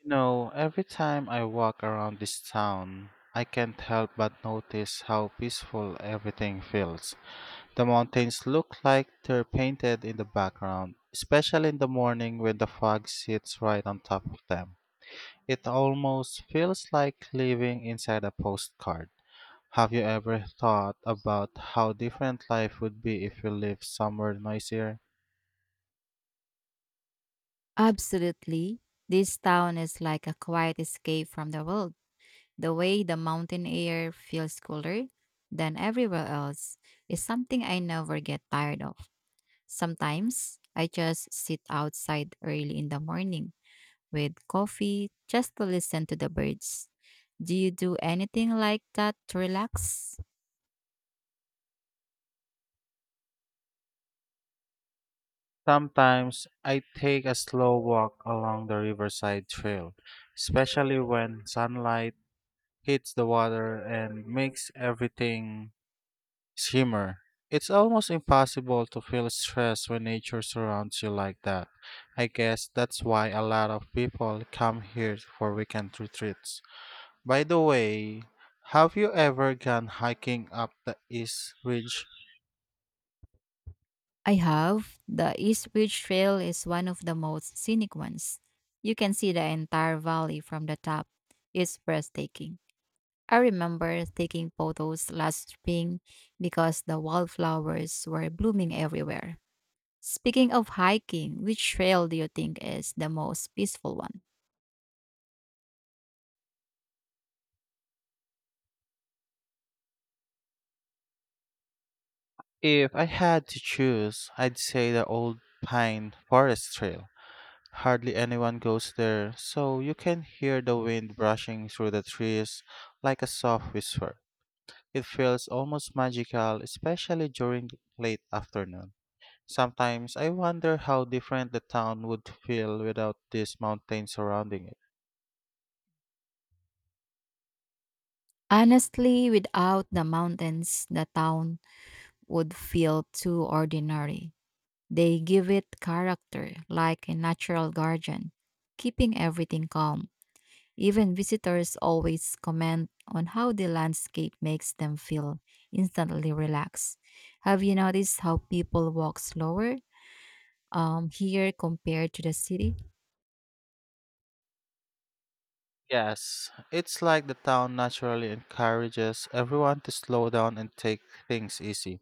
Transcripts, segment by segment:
You know, every time I walk around this town, I can't help but notice how peaceful everything feels. The mountains look like they're painted in the background, especially in the morning when the fog sits right on top of them. It almost feels like living inside a postcard. Have you ever thought about how different life would be if you lived somewhere noisier? Absolutely. This town is like a quiet escape from the world. The way the mountain air feels cooler than everywhere else is something I never get tired of. Sometimes I just sit outside early in the morning with coffee just to listen to the birds. Do you do anything like that to relax? Sometimes I take a slow walk along the riverside trail, especially when sunlight hits the water and makes everything shimmer. It's almost impossible to feel stress when nature surrounds you like that. I guess that's why a lot of people come here for weekend retreats. By the way, have you ever gone hiking up the East Ridge? I have. The Eastridge Trail is one of the most scenic ones. You can see the entire valley from the top. It's breathtaking. I remember taking photos last spring because the wildflowers were blooming everywhere. Speaking of hiking, which trail do you think is the most peaceful one? If I had to choose, I'd say the old pine forest trail. Hardly anyone goes there, so you can hear the wind brushing through the trees like a soft whisper. It feels almost magical, especially during the late afternoon. Sometimes I wonder how different the town would feel without these mountains surrounding it. Honestly, without the mountains, the town would feel too ordinary. They give it character like a natural guardian, keeping everything calm. Even visitors always comment on how the landscape makes them feel instantly relaxed. Have you noticed how people walk slower here compared to the city? Yes, it's like the town naturally encourages everyone to slow down and take things easy.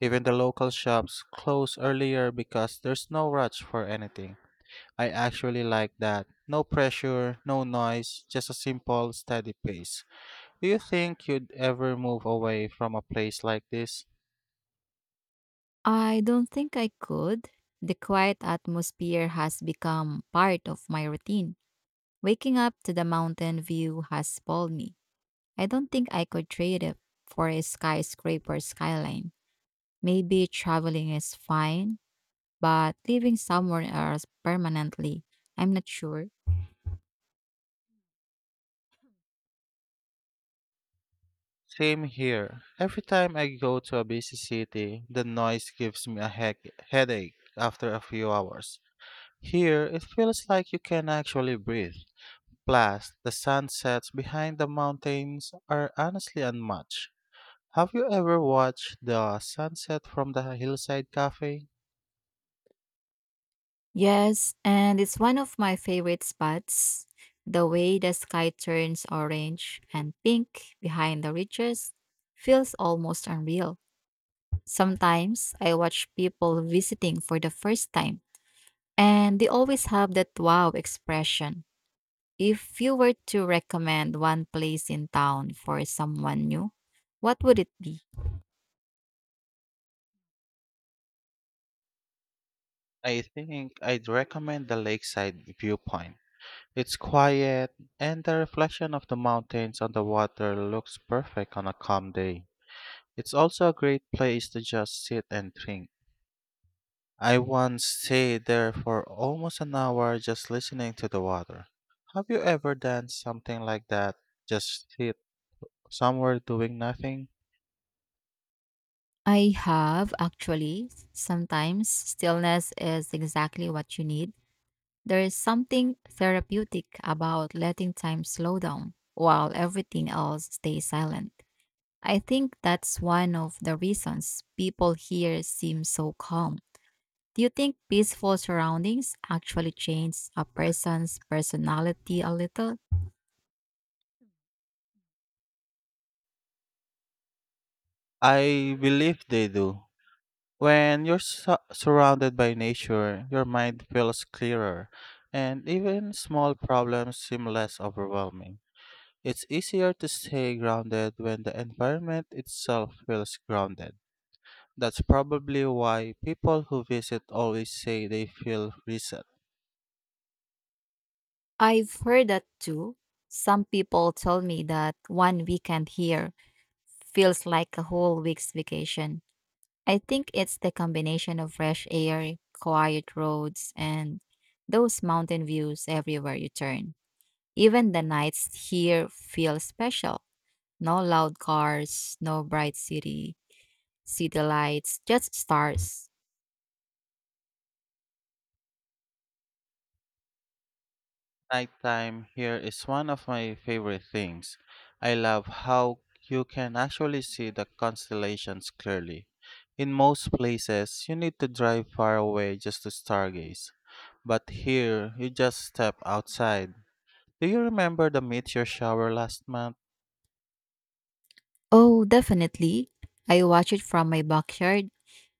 Even the local shops close earlier because there's no rush for anything. I actually like that. No pressure, no noise, just a simple, steady pace. Do you think you'd ever move away from a place like this? I don't think I could. The quiet atmosphere has become part of my routine. Waking up to the mountain view has spoiled me. I don't think I could trade it for a skyscraper skyline. Maybe traveling is fine, but living somewhere else permanently, I'm not sure. Same here. Every time I go to a busy city, the noise gives me a heck headache after a few hours. Here, it feels like you can actually breathe. Plus, the sunsets behind the mountains are honestly unmatched. Have you ever watched the sunset from the hillside cafe? Yes, and it's one of my favorite spots. The way the sky turns orange and pink behind the ridges feels almost unreal. Sometimes I watch people visiting for the first time, and they always have that wow expression. If you were to recommend one place in town for someone new, what would it be? I think I'd recommend the lakeside viewpoint. It's quiet, and the reflection of the mountains on the water looks perfect on a calm day. It's also a great place to just sit and drink. I once stayed there for almost an hour just listening to the water. Have you ever done something like that? Just sit somewhere doing nothing? I have, actually. Sometimes stillness is exactly what you need. There is something therapeutic about letting time slow down while everything else stays silent. I think that's one of the reasons people here seem so calm. Do you think peaceful surroundings actually change a person's personality a little? I believe they do. When you're surrounded by nature, your mind feels clearer, and even small problems seem less overwhelming. It's easier to stay grounded when the environment itself feels grounded. That's probably why people who visit always say they feel reset. I've heard that too. Some people tell me that one weekend here feels like a whole week's vacation. I think it's the combination of fresh air, quiet roads, and those mountain views everywhere you turn. Even the nights here feel special. No loud cars, no bright city lights, just stars. Nighttime here is one of my favorite things. I love how you can actually see the constellations clearly. In most places, you need to drive far away just to stargaze. But here, you just step outside. Do you remember the meteor shower last month? Oh, definitely. I watched it from my backyard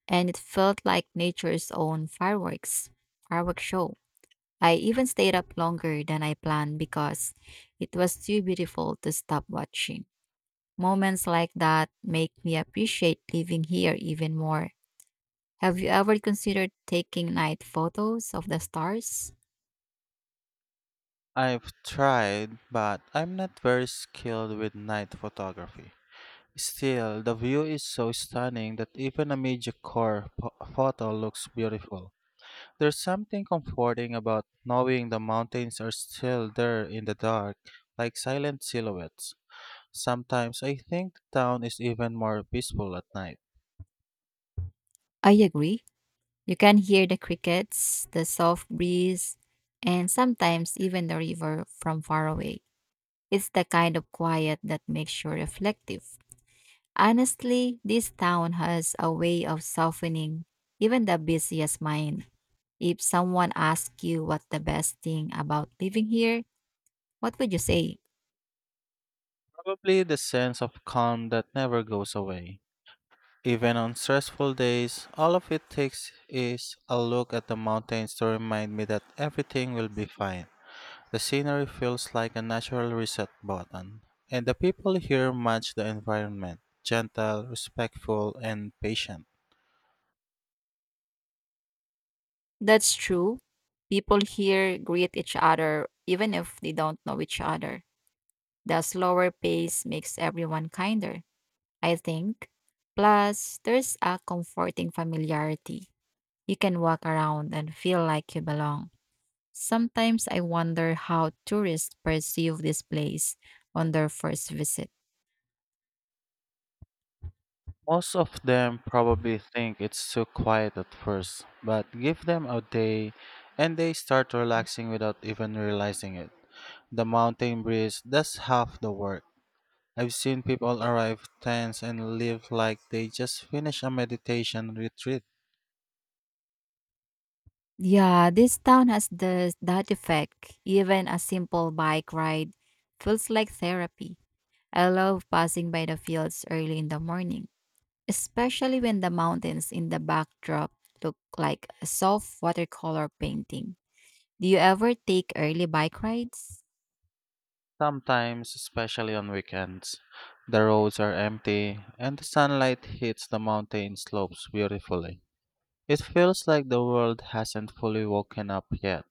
and it felt like nature's own fireworks show. I even stayed up longer than I planned because it was too beautiful to stop watching. Moments like that make me appreciate living here even more. Have you ever considered taking night photos of the stars? I've tried, but I'm not very skilled with night photography. Still, the view is so stunning that even a mediocre photo looks beautiful. There's something comforting about knowing the mountains are still there in the dark, like silent silhouettes. Sometimes I think the town is even more peaceful at night. I agree. You can hear the crickets, the soft breeze, and sometimes even the river from far away. It's the kind of quiet that makes you reflective. Honestly, this town has a way of softening even the busiest mind. If someone asked you what the best thing about living here, what would you say? Probably the sense of calm that never goes away. Even on stressful days, all of it takes is a look at the mountains to remind me that everything will be fine. The scenery feels like a natural reset button, and the people here match the environment gentle, respectful, and patient. That's true. People here greet each other even if they don't know each other. The slower pace makes everyone kinder, I think. Plus, there's a comforting familiarity. You can walk around and feel like you belong. Sometimes I wonder how tourists perceive this place on their first visit. Most of them probably think it's too quiet at first, but give them a day and they start relaxing without even realizing it. The mountain breeze does half the work. I've seen people arrive tense and leave like they just finished a meditation retreat. Yeah, this town has that effect. Even a simple bike ride feels like therapy. I love passing by the fields early in the morning, especially when the mountains in the backdrop look like a soft watercolor painting. Do you ever take early bike rides? Sometimes, especially on weekends, the roads are empty and the sunlight hits the mountain slopes beautifully. It feels like the world hasn't fully woken up yet.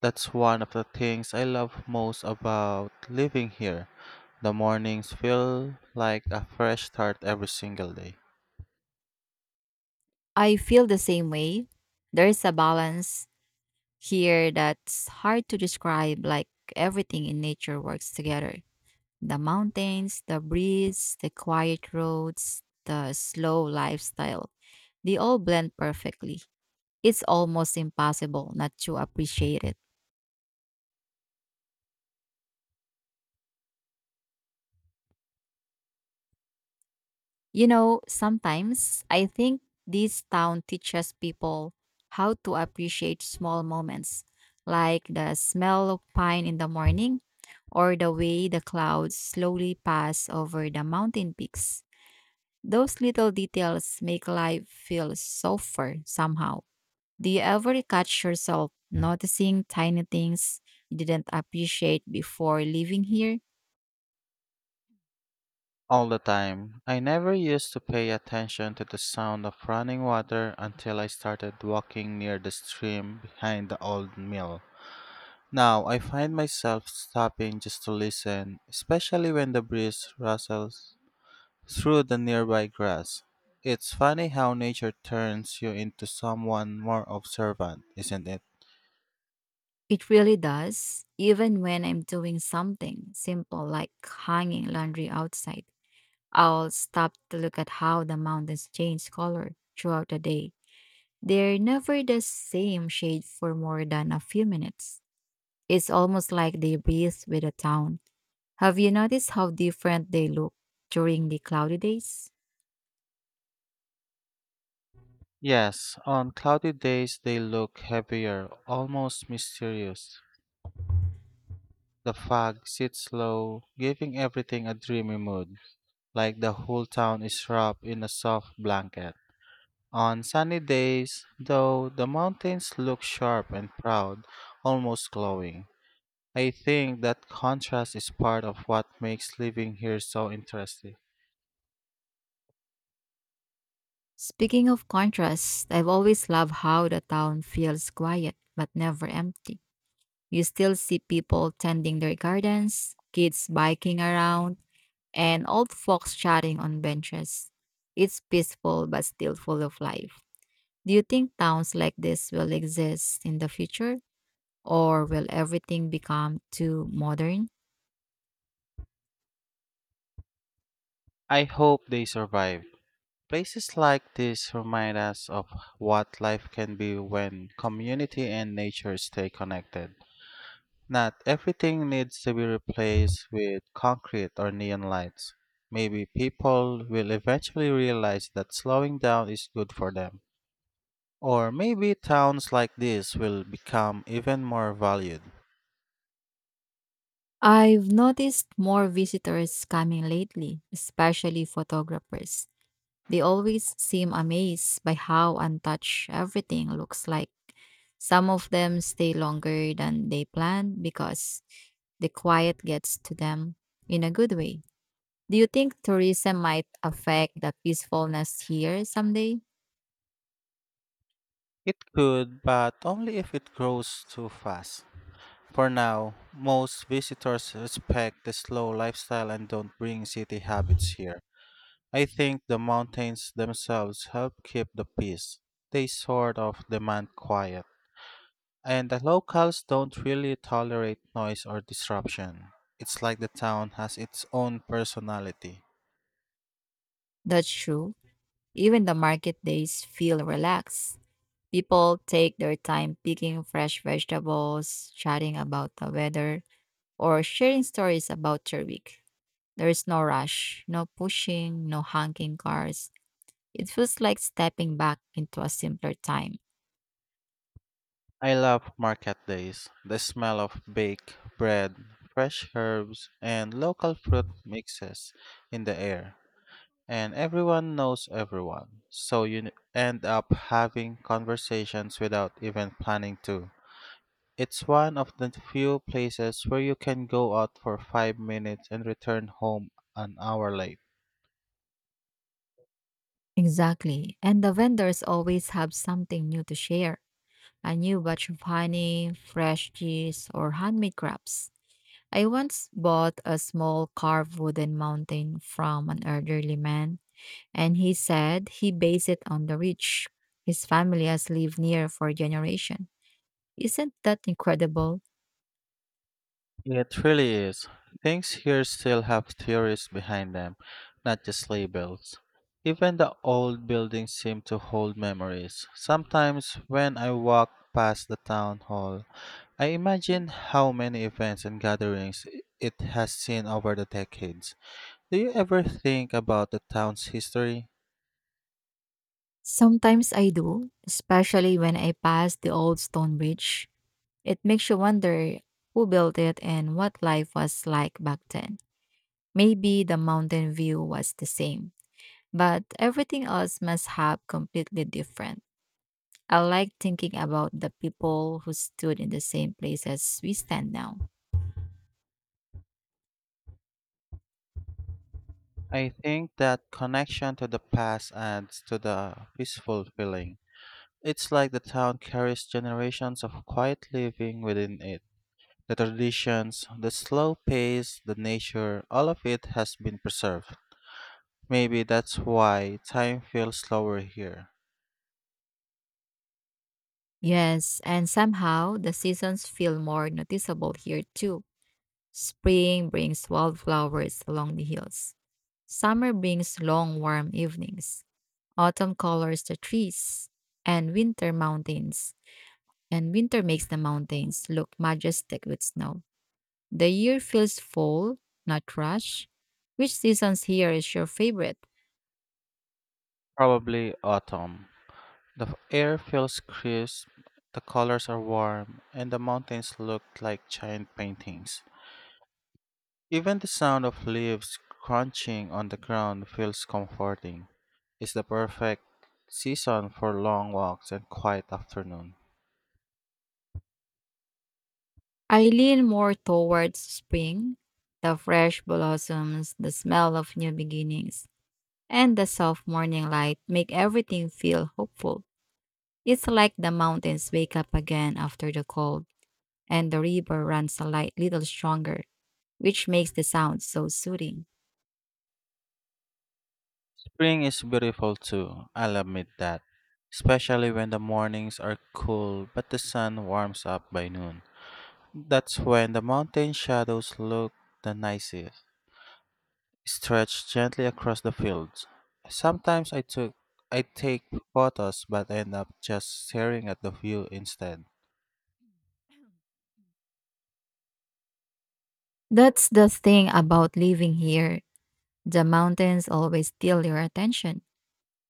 That's one of the things I love most about living here. The mornings feel like a fresh start every single day. I feel the same way. There's a balance here that's hard to describe, like everything in nature works together. The mountains, the breeze, the quiet roads, the slow lifestyle, they all blend perfectly. It's almost impossible not to appreciate it. You know, sometimes I think this town teaches people how to appreciate small moments, like the smell of pine in the morning or the way the clouds slowly pass over the mountain peaks. Those little details make life feel softer somehow. Do you ever catch yourself noticing tiny things you didn't appreciate before living here? All the time. I never used to pay attention to the sound of running water until I started walking near the stream behind the old mill. Now I find myself stopping just to listen, especially when the breeze rustles through the nearby grass. It's funny how nature turns you into someone more observant, isn't it? It really does, even when I'm doing something simple like hanging laundry outside. I'll stop to look at how the mountains change color throughout the day. They're never the same shade for more than a few minutes. It's almost like they breathe with the town. Have you noticed how different they look during the cloudy days? Yes, on cloudy days they look heavier, almost mysterious. The fog sits low, giving everything a dreamy mood, like the whole town is wrapped in a soft blanket. On sunny days, though, the mountains look sharp and proud, almost glowing. I think that contrast is part of what makes living here so interesting. Speaking of contrast, I've always loved how the town feels quiet but never empty. You still see people tending their gardens, kids biking around, and old folks chatting on benches. It's peaceful but still full of life. Do you think towns like this will exist in the future, or will everything become too modern? I hope they survive. Places like this remind us of what life can be when community and nature stay connected. Not everything needs to be replaced with concrete or neon lights. Maybe people will eventually realize that slowing down is good for them. Or maybe towns like this will become even more valued. I've noticed more visitors coming lately, especially photographers. They always seem amazed by how untouched everything looks like. Some of them stay longer than they planned because the quiet gets to them in a good way. Do you think tourism might affect the peacefulness here someday? It could, but only if it grows too fast. For now, most visitors respect the slow lifestyle and don't bring city habits here. I think the mountains themselves help keep the peace. They sort of demand quiet. And the locals don't really tolerate noise or disruption. It's like the town has its own personality. That's true. Even the market days feel relaxed. People take their time picking fresh vegetables, chatting about the weather, or sharing stories about their week. There is no rush, no pushing, no honking cars. It feels like stepping back into a simpler time. I love market days. The smell of baked bread, fresh herbs, and local fruit mixes in the air, and everyone knows everyone. So you end up having conversations without even planning to. It's one of the few places where you can go out for 5 minutes and return home an hour late. Exactly. And the vendors always have something new to share, a new batch of honey, fresh cheese, or handmade crafts. I once bought a small carved wooden mountain from an elderly man and he said he based it on the rich. His family has lived near for generations. Isn't that incredible? It really is. Things here still have theories behind them, not just labels. Even the old buildings seem to hold memories. Sometimes when I walk past the town hall, I imagine how many events and gatherings it has seen over the decades. Do you ever think about the town's history? Sometimes I do, especially when I pass the old stone bridge. It makes you wonder who built it and what life was like back then. Maybe the mountain view was the same, but everything else must have completely different. I like thinking about the people who stood in the same place as we stand now. I think that connection to the past adds to the peaceful feeling. It's like the town carries generations of quiet living within it. The traditions, the slow pace, the nature, all of it has been preserved. Maybe that's why time feels slower here. Yes, and somehow the seasons feel more noticeable here too. Spring brings wildflowers along the hills. Summer brings long warm evenings. Autumn colors the trees and winter mountains. And winter makes the mountains look majestic with snow. The year feels full, not rush. Which seasons here is your favorite? Probably autumn. The air feels crisp, the colors are warm, and the mountains look like giant paintings. Even the sound of leaves crunching on the ground feels comforting. It's the perfect season for long walks and quiet afternoon. I lean more towards spring, the fresh blossoms, the smell of new beginnings and the soft morning light make everything feel hopeful. It's like the mountains wake up again after the cold, and the river runs a light little stronger, which makes the sound so soothing. Spring is beautiful too, I'll admit that. Especially when the mornings are cool but the sun warms up by noon. That's when the mountain shadows look the nicest, stretched gently across the fields. Sometimes I take photos but end up just staring at the view instead. That's the thing about living here. The mountains always steal your attention.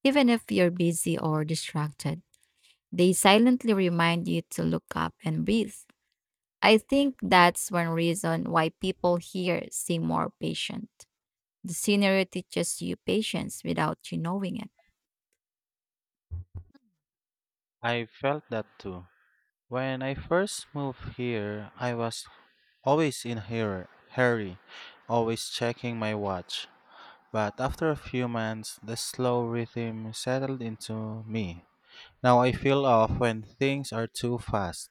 Even if you're busy or distracted, they silently remind you to look up and breathe. I think that's one reason why people here seem more patient. The scenery teaches you patience without you knowing it. I felt that too. When I first moved here, I was always in here, hurry, always checking my watch. But after a few months, the slow rhythm settled into me. Now I feel off when things are too fast.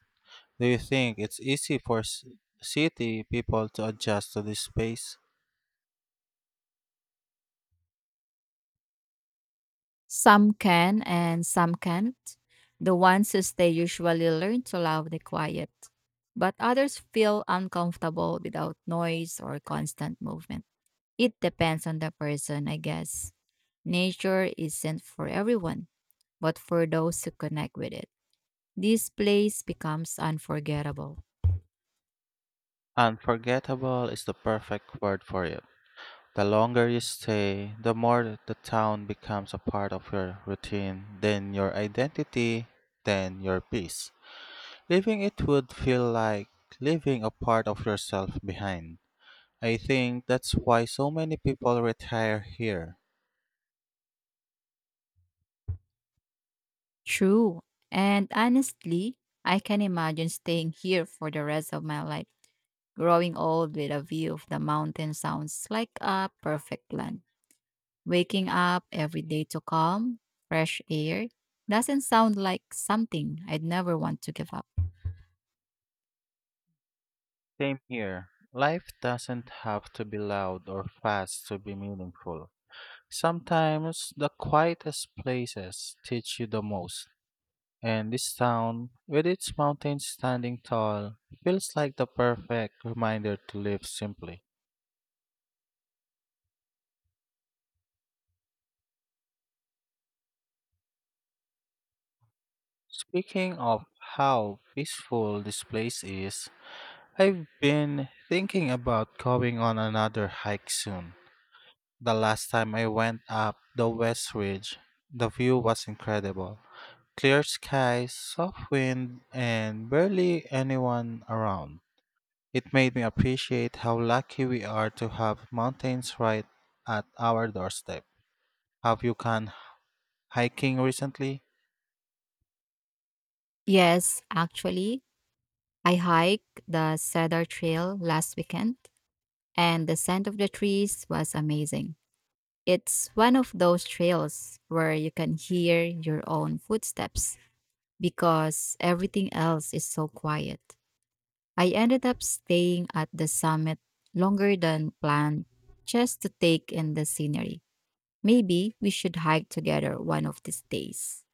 Do you think it's easy for city people to adjust to this pace? Some can and some can't. The ones who stay usually learn to love the quiet, but others feel uncomfortable without noise or constant movement. It depends on the person, I guess. Nature isn't for everyone, but for those who connect with it, this place becomes unforgettable. Unforgettable is the perfect word for it. The longer you stay, the more that the town becomes a part of your routine, then your identity, then your peace. Leaving it would feel like leaving a part of yourself behind. I think that's why so many people retire here. True. And honestly, I can imagine staying here for the rest of my life. Growing old with a view of the mountain sounds like a perfect plan. Waking up every day to calm, fresh air doesn't sound like something I'd never want to give up. Same here. Life doesn't have to be loud or fast to be meaningful. Sometimes the quietest places teach you the most. And this town, with its mountains standing tall, feels like the perfect reminder to live simply. Speaking of how peaceful this place is, I've been thinking about going on another hike soon. The last time I went up the West Ridge, the view was incredible. Clear skies, soft wind, and barely anyone around. It made me appreciate how lucky we are to have mountains right at our doorstep. Have you gone hiking recently? Yes, actually, I hiked the Cedar Trail last weekend, and the scent of the trees was amazing. It's one of those trails where you can hear your own footsteps because everything else is so quiet. I ended up staying at the summit longer than planned just to take in the scenery. Maybe we should hike together one of these days.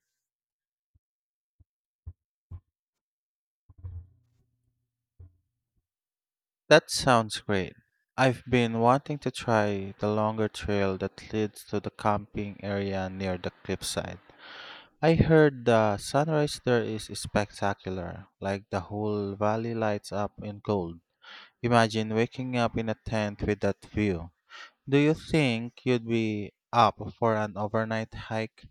That sounds great. I've been wanting to try the longer trail that leads to the camping area near the cliffside. I heard the sunrise there is spectacular, like the whole valley lights up in gold. Imagine waking up in a tent with that view. Do you think you'd be up for an overnight hike?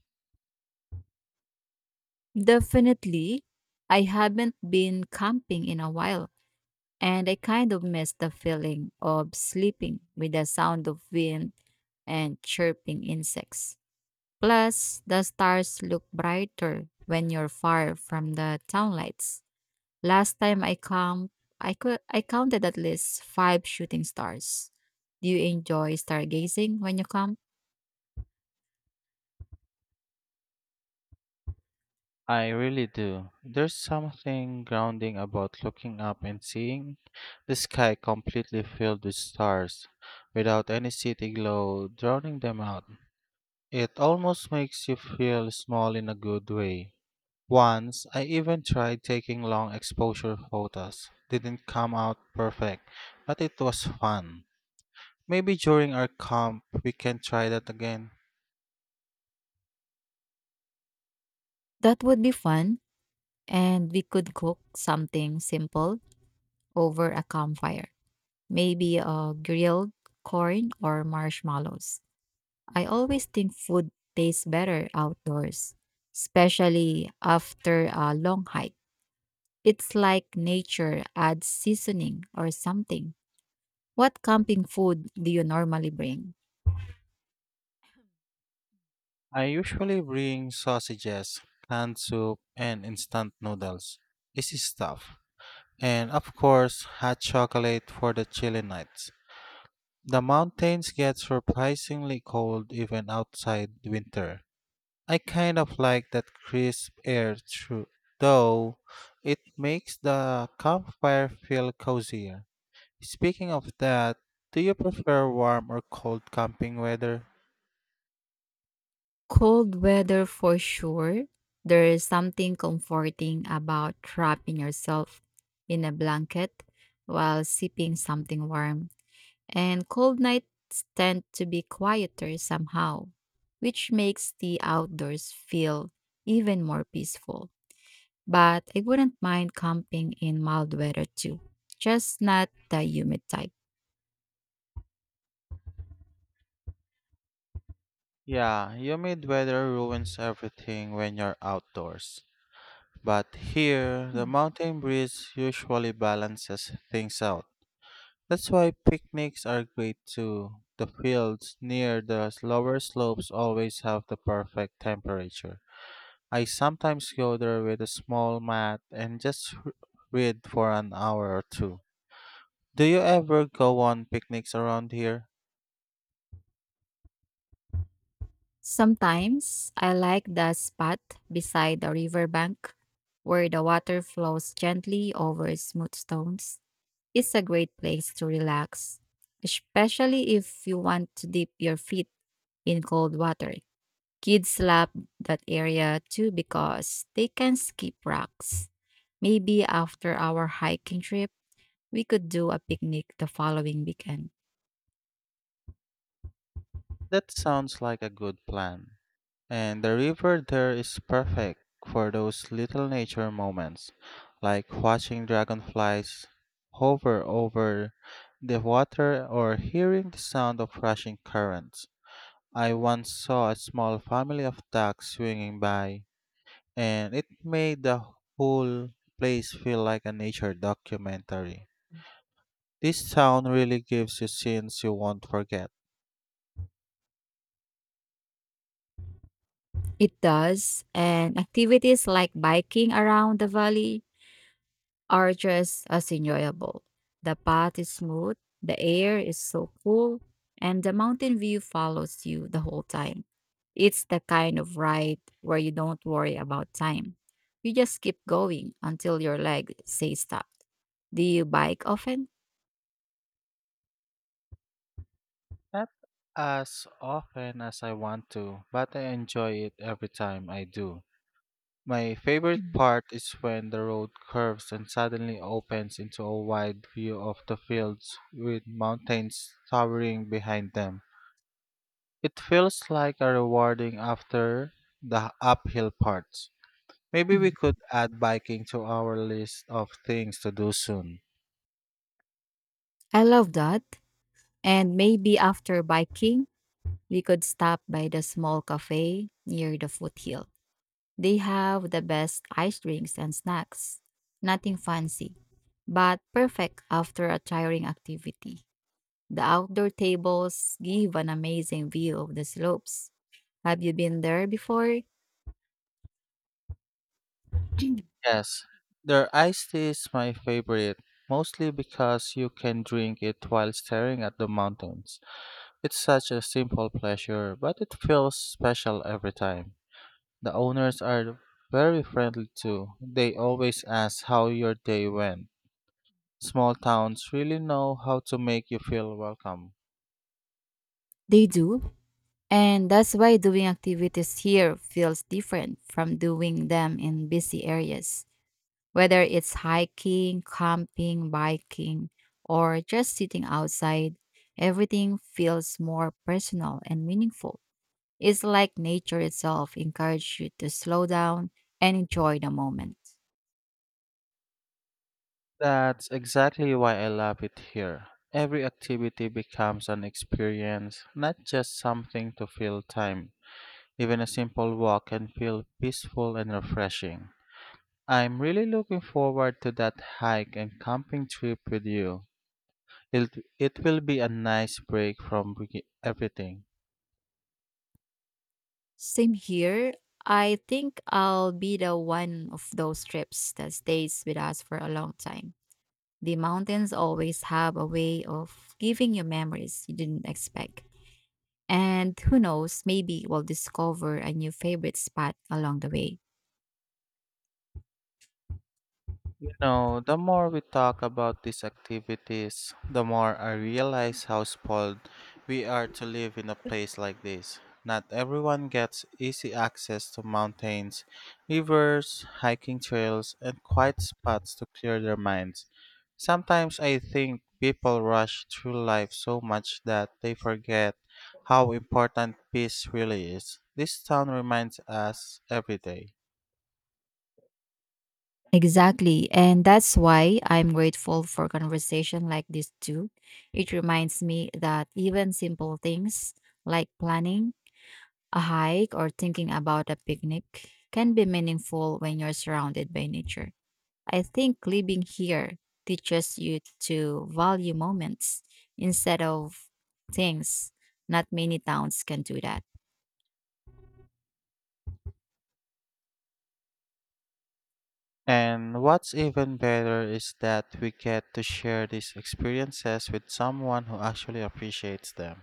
Definitely. I haven't been camping in a while. And I kind of miss the feeling of sleeping with the sound of wind and chirping insects. Plus, the stars look brighter when you're far from the town lights. Last time I count, I counted at least five shooting stars. Do you enjoy stargazing when you camp? I really do. There's something grounding about looking up and seeing the sky completely filled with stars, without any city glow drowning them out. It almost makes you feel small in a good way. Once, I even tried taking long exposure photos. Didn't come out perfect, but it was fun. Maybe during our camp, we can try that again. That would be fun, and we could cook something simple over a campfire. Maybe a grilled corn or marshmallows. I always think food tastes better outdoors, especially after a long hike. It's like nature adds seasoning or something. What camping food do you normally bring? I usually bring sausages, canned soup, and instant noodles. Easy stuff. And of course, hot chocolate for the chilly nights. The mountains get surprisingly cold even outside winter. I kind of like that crisp air though it makes the campfire feel cozier. Speaking of that, do you prefer warm or cold camping weather? Cold weather for sure. There is something comforting about wrapping yourself in a blanket while sipping something warm, and cold nights tend to be quieter somehow, which makes the outdoors feel even more peaceful. But I wouldn't mind camping in mild weather too, just not the humid type. Yeah, humid weather ruins everything when you're outdoors. But here, the Mm. mountain breeze usually balances things out. That's why picnics are great too. The fields near the lower slopes always have the perfect temperature. I sometimes go there with a small mat and just read for an hour or two. Do you ever go on picnics around here? Sometimes I like the spot beside the riverbank where the water flows gently over smooth stones. It's a great place to relax, especially if you want to dip your feet in cold water. Kids love that area too because they can skip rocks. Maybe after our hiking trip, we could do a picnic the following weekend. That sounds like a good plan. And the river there is perfect for those little nature moments, like watching dragonflies hover over the water or hearing the sound of rushing currents. I once saw a small family of ducks swinging by, and it made the whole place feel like a nature documentary. This town really gives you scenes you won't forget. It does, and activities like biking around the valley are just as enjoyable. The path is smooth, the air is so cool, and the mountain view follows you the whole time. It's the kind of ride where you don't worry about time. You just keep going until your leg says stop. Do you bike often? Not as often as I want to, but I enjoy it every time I do. My favorite part is when the road curves and suddenly opens into a wide view of the fields with mountains towering behind them. It feels like a rewarding after the uphill parts. Maybe we Mm. Mm. could add biking to our list of things to do soon. I love that. And maybe after biking, we could stop by the small cafe near the foothill. They have the best ice drinks and snacks. Nothing fancy, but perfect after a tiring activity. The outdoor tables give an amazing view of the slopes. Have you been there before? Yes, their iced tea is my favorite, mostly because you can drink it while staring at the mountains. It's such a simple pleasure, but it feels special every time. The owners are very friendly too. They always ask how your day went. Small towns really know how to make you feel welcome. They do. And that's why doing activities here feels different from doing them in busy areas. Whether it's hiking, camping, biking, or just sitting outside, everything feels more personal and meaningful. It's like nature itself encourages you to slow down and enjoy the moment. That's exactly why I love it here. Every activity becomes an experience, not just something to fill time. Even a simple walk can feel peaceful and refreshing. I'm really looking forward to that hike and camping trip with you. It, it will be a nice break from everything. Same here. I think I'll be the one of those trips that stays with us for a long time. The mountains always have a way of giving you memories you didn't expect. And who knows, maybe we'll discover a new favorite spot along the way. You know, the more we talk about these activities, the more I realize how spoiled we are to live in a place like this. Not everyone gets easy access to mountains, rivers, hiking trails, and quiet spots to clear their minds. Sometimes I think people rush through life so much that they forget how important peace really is. This town reminds us every day. Exactly. And that's why I'm grateful for conversation like this too. It reminds me that even simple things like planning a hike or thinking about a picnic can be meaningful when you're surrounded by nature. I think living here teaches you to value moments instead of things. Not many towns can do that. And what's even better is that we get to share these experiences with someone who actually appreciates them.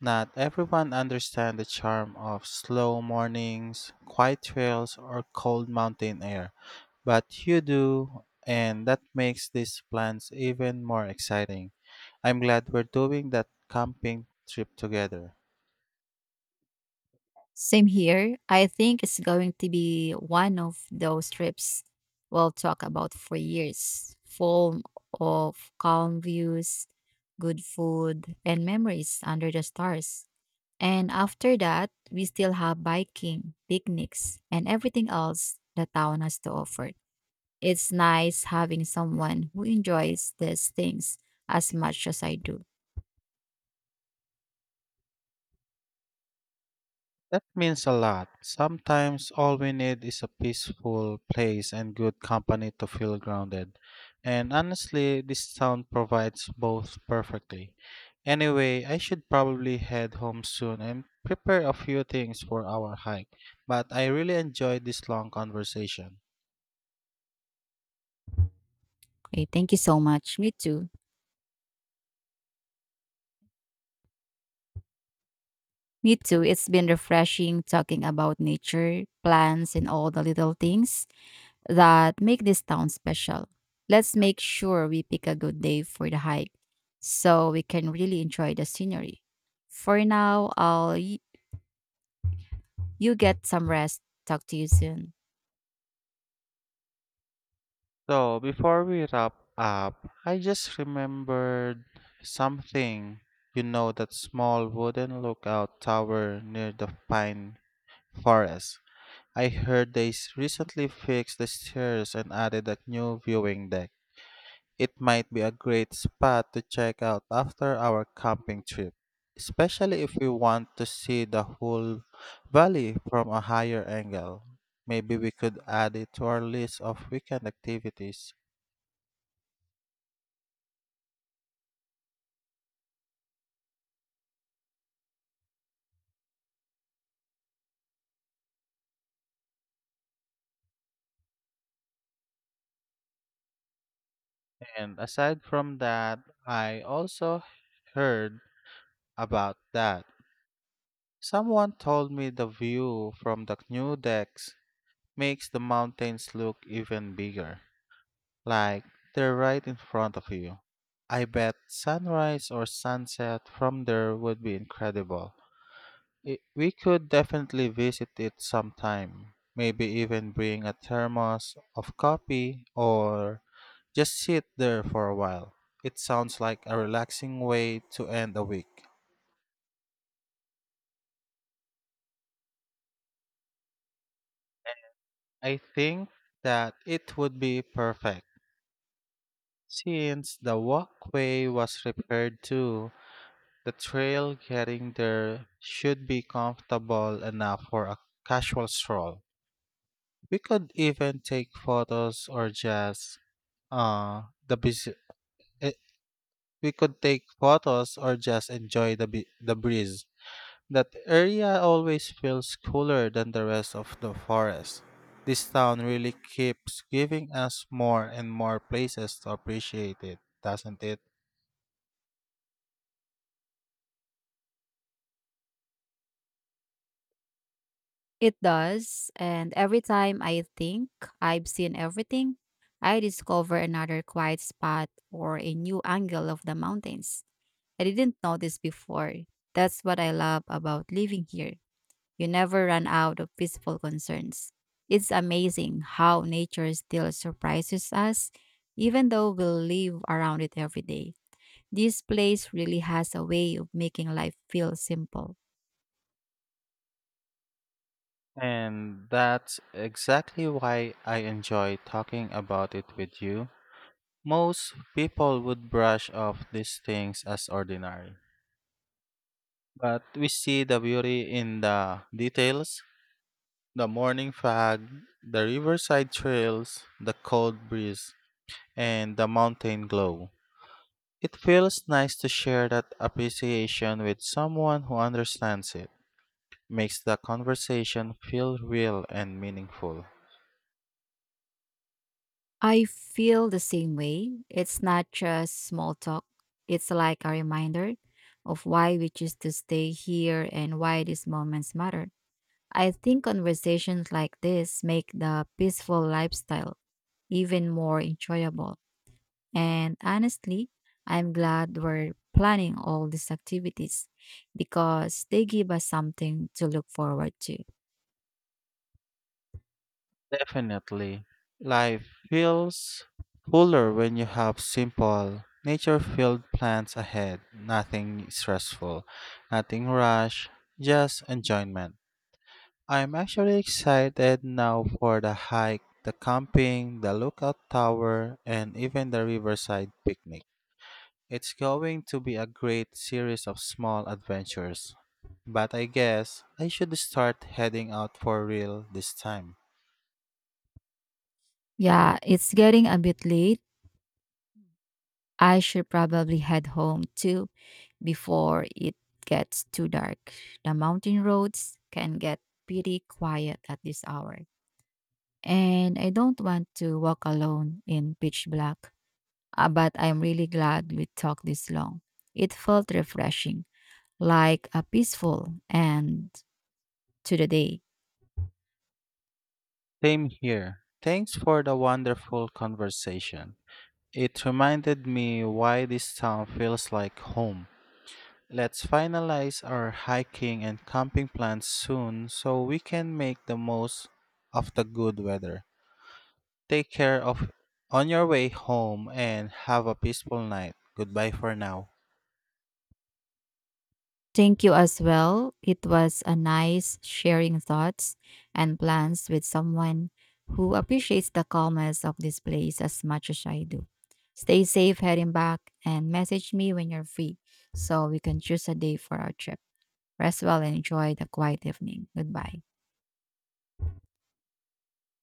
Not everyone understands the charm of slow mornings, quiet trails, or cold mountain air, but you do, and that makes these plans even more exciting. I'm glad we're doing that camping trip together. Same here. I think it's going to be one of those trips we'll talk about for years, full of calm views, good food, and memories under the stars. And after that, we still have biking, picnics, and everything else the town has to offer. It's nice having someone who enjoys these things as much as I do. That means a lot. Sometimes all we need is a peaceful place and good company to feel grounded. And honestly, this town provides both perfectly. Anyway, I should probably head home soon and prepare a few things for our hike. But I really enjoyed this long conversation. Okay, thank you so much. Me too. Me too. It's been refreshing talking about nature, plants, and all the little things that make this town special. Let's make sure we pick a good day for the hike so we can really enjoy the scenery. For now, you get some rest. Talk to you soon. So, before we wrap up, I just remembered something. You know, that small wooden lookout tower near the pine forest. I heard they recently fixed the stairs and added a new viewing deck. It might be a great spot to check out after our camping trip, especially if we want to see the whole valley from a higher angle. Maybe we could add it to our list of weekend activities. And aside from that, I also heard about that. Someone told me the view from the new decks makes the mountains look even bigger. Like they're right in front of you. I bet sunrise or sunset from there would be incredible. I we could definitely visit it sometime. Maybe even bring a thermos of coffee or just sit there for a while. It sounds like a relaxing way to end a week. I think that it would be perfect since the walkway was repaired too. The trail getting there should be comfortable enough for a casual stroll. We could even take photos or just uh the busy, eh, we could take photos or just enjoy the the breeze. That area always feels cooler than the rest of the forest. This town really keeps giving us more and more places to appreciate it, doesn't it? It does, and every time I think I've seen everything, I discover another quiet spot or a new angle of the mountains. I didn't know this before. That's what I love about living here. You never run out of peaceful concerns. It's amazing how nature still surprises us, even though we live around it every day. This place really has a way of making life feel simple. And that's exactly why I enjoy talking about it with you. Most people would brush off these things as ordinary, but we see the beauty in the details the morning fog, the riverside trails, the cold breeze, and the mountain glow. It feels nice to share that appreciation with someone who understands it, makes the conversation feel real and meaningful. I feel the same way. It's not just small talk, it's like a reminder of why we choose to stay here and why these moments matter. I think conversations like this make the peaceful lifestyle even more enjoyable. And honestly, I'm glad we're planning all these activities because they give us something to look forward to. Definitely. Life feels fuller when you have simple, nature filled plans ahead. Nothing stressful, nothing rush, just enjoyment. I'm actually excited now for the hike, the camping, the lookout tower, and even the riverside picnic. It's going to be a great series of small adventures. But I guess I should start heading out for real this time. Yeah, it's getting a bit late. I should probably head home too before it gets too dark. The mountain roads can get pretty quiet at this hour. And I don't want to walk alone in pitch black. But I'm really glad we talked this long. It felt refreshing, like a peaceful end to the day. Same here. Thanks for the wonderful conversation. It reminded me why this town feels like home. Let's finalize our hiking and camping plans soon so we can make the most of the good weather. Take care of on your way home and have a peaceful night. Goodbye for now. Thank you as well. It was a nice sharing thoughts and plans with someone who appreciates the calmness of this place as much as I do. Stay safe heading back and message me when you're free so we can choose a day for our trip. Rest well and enjoy the quiet evening. Goodbye.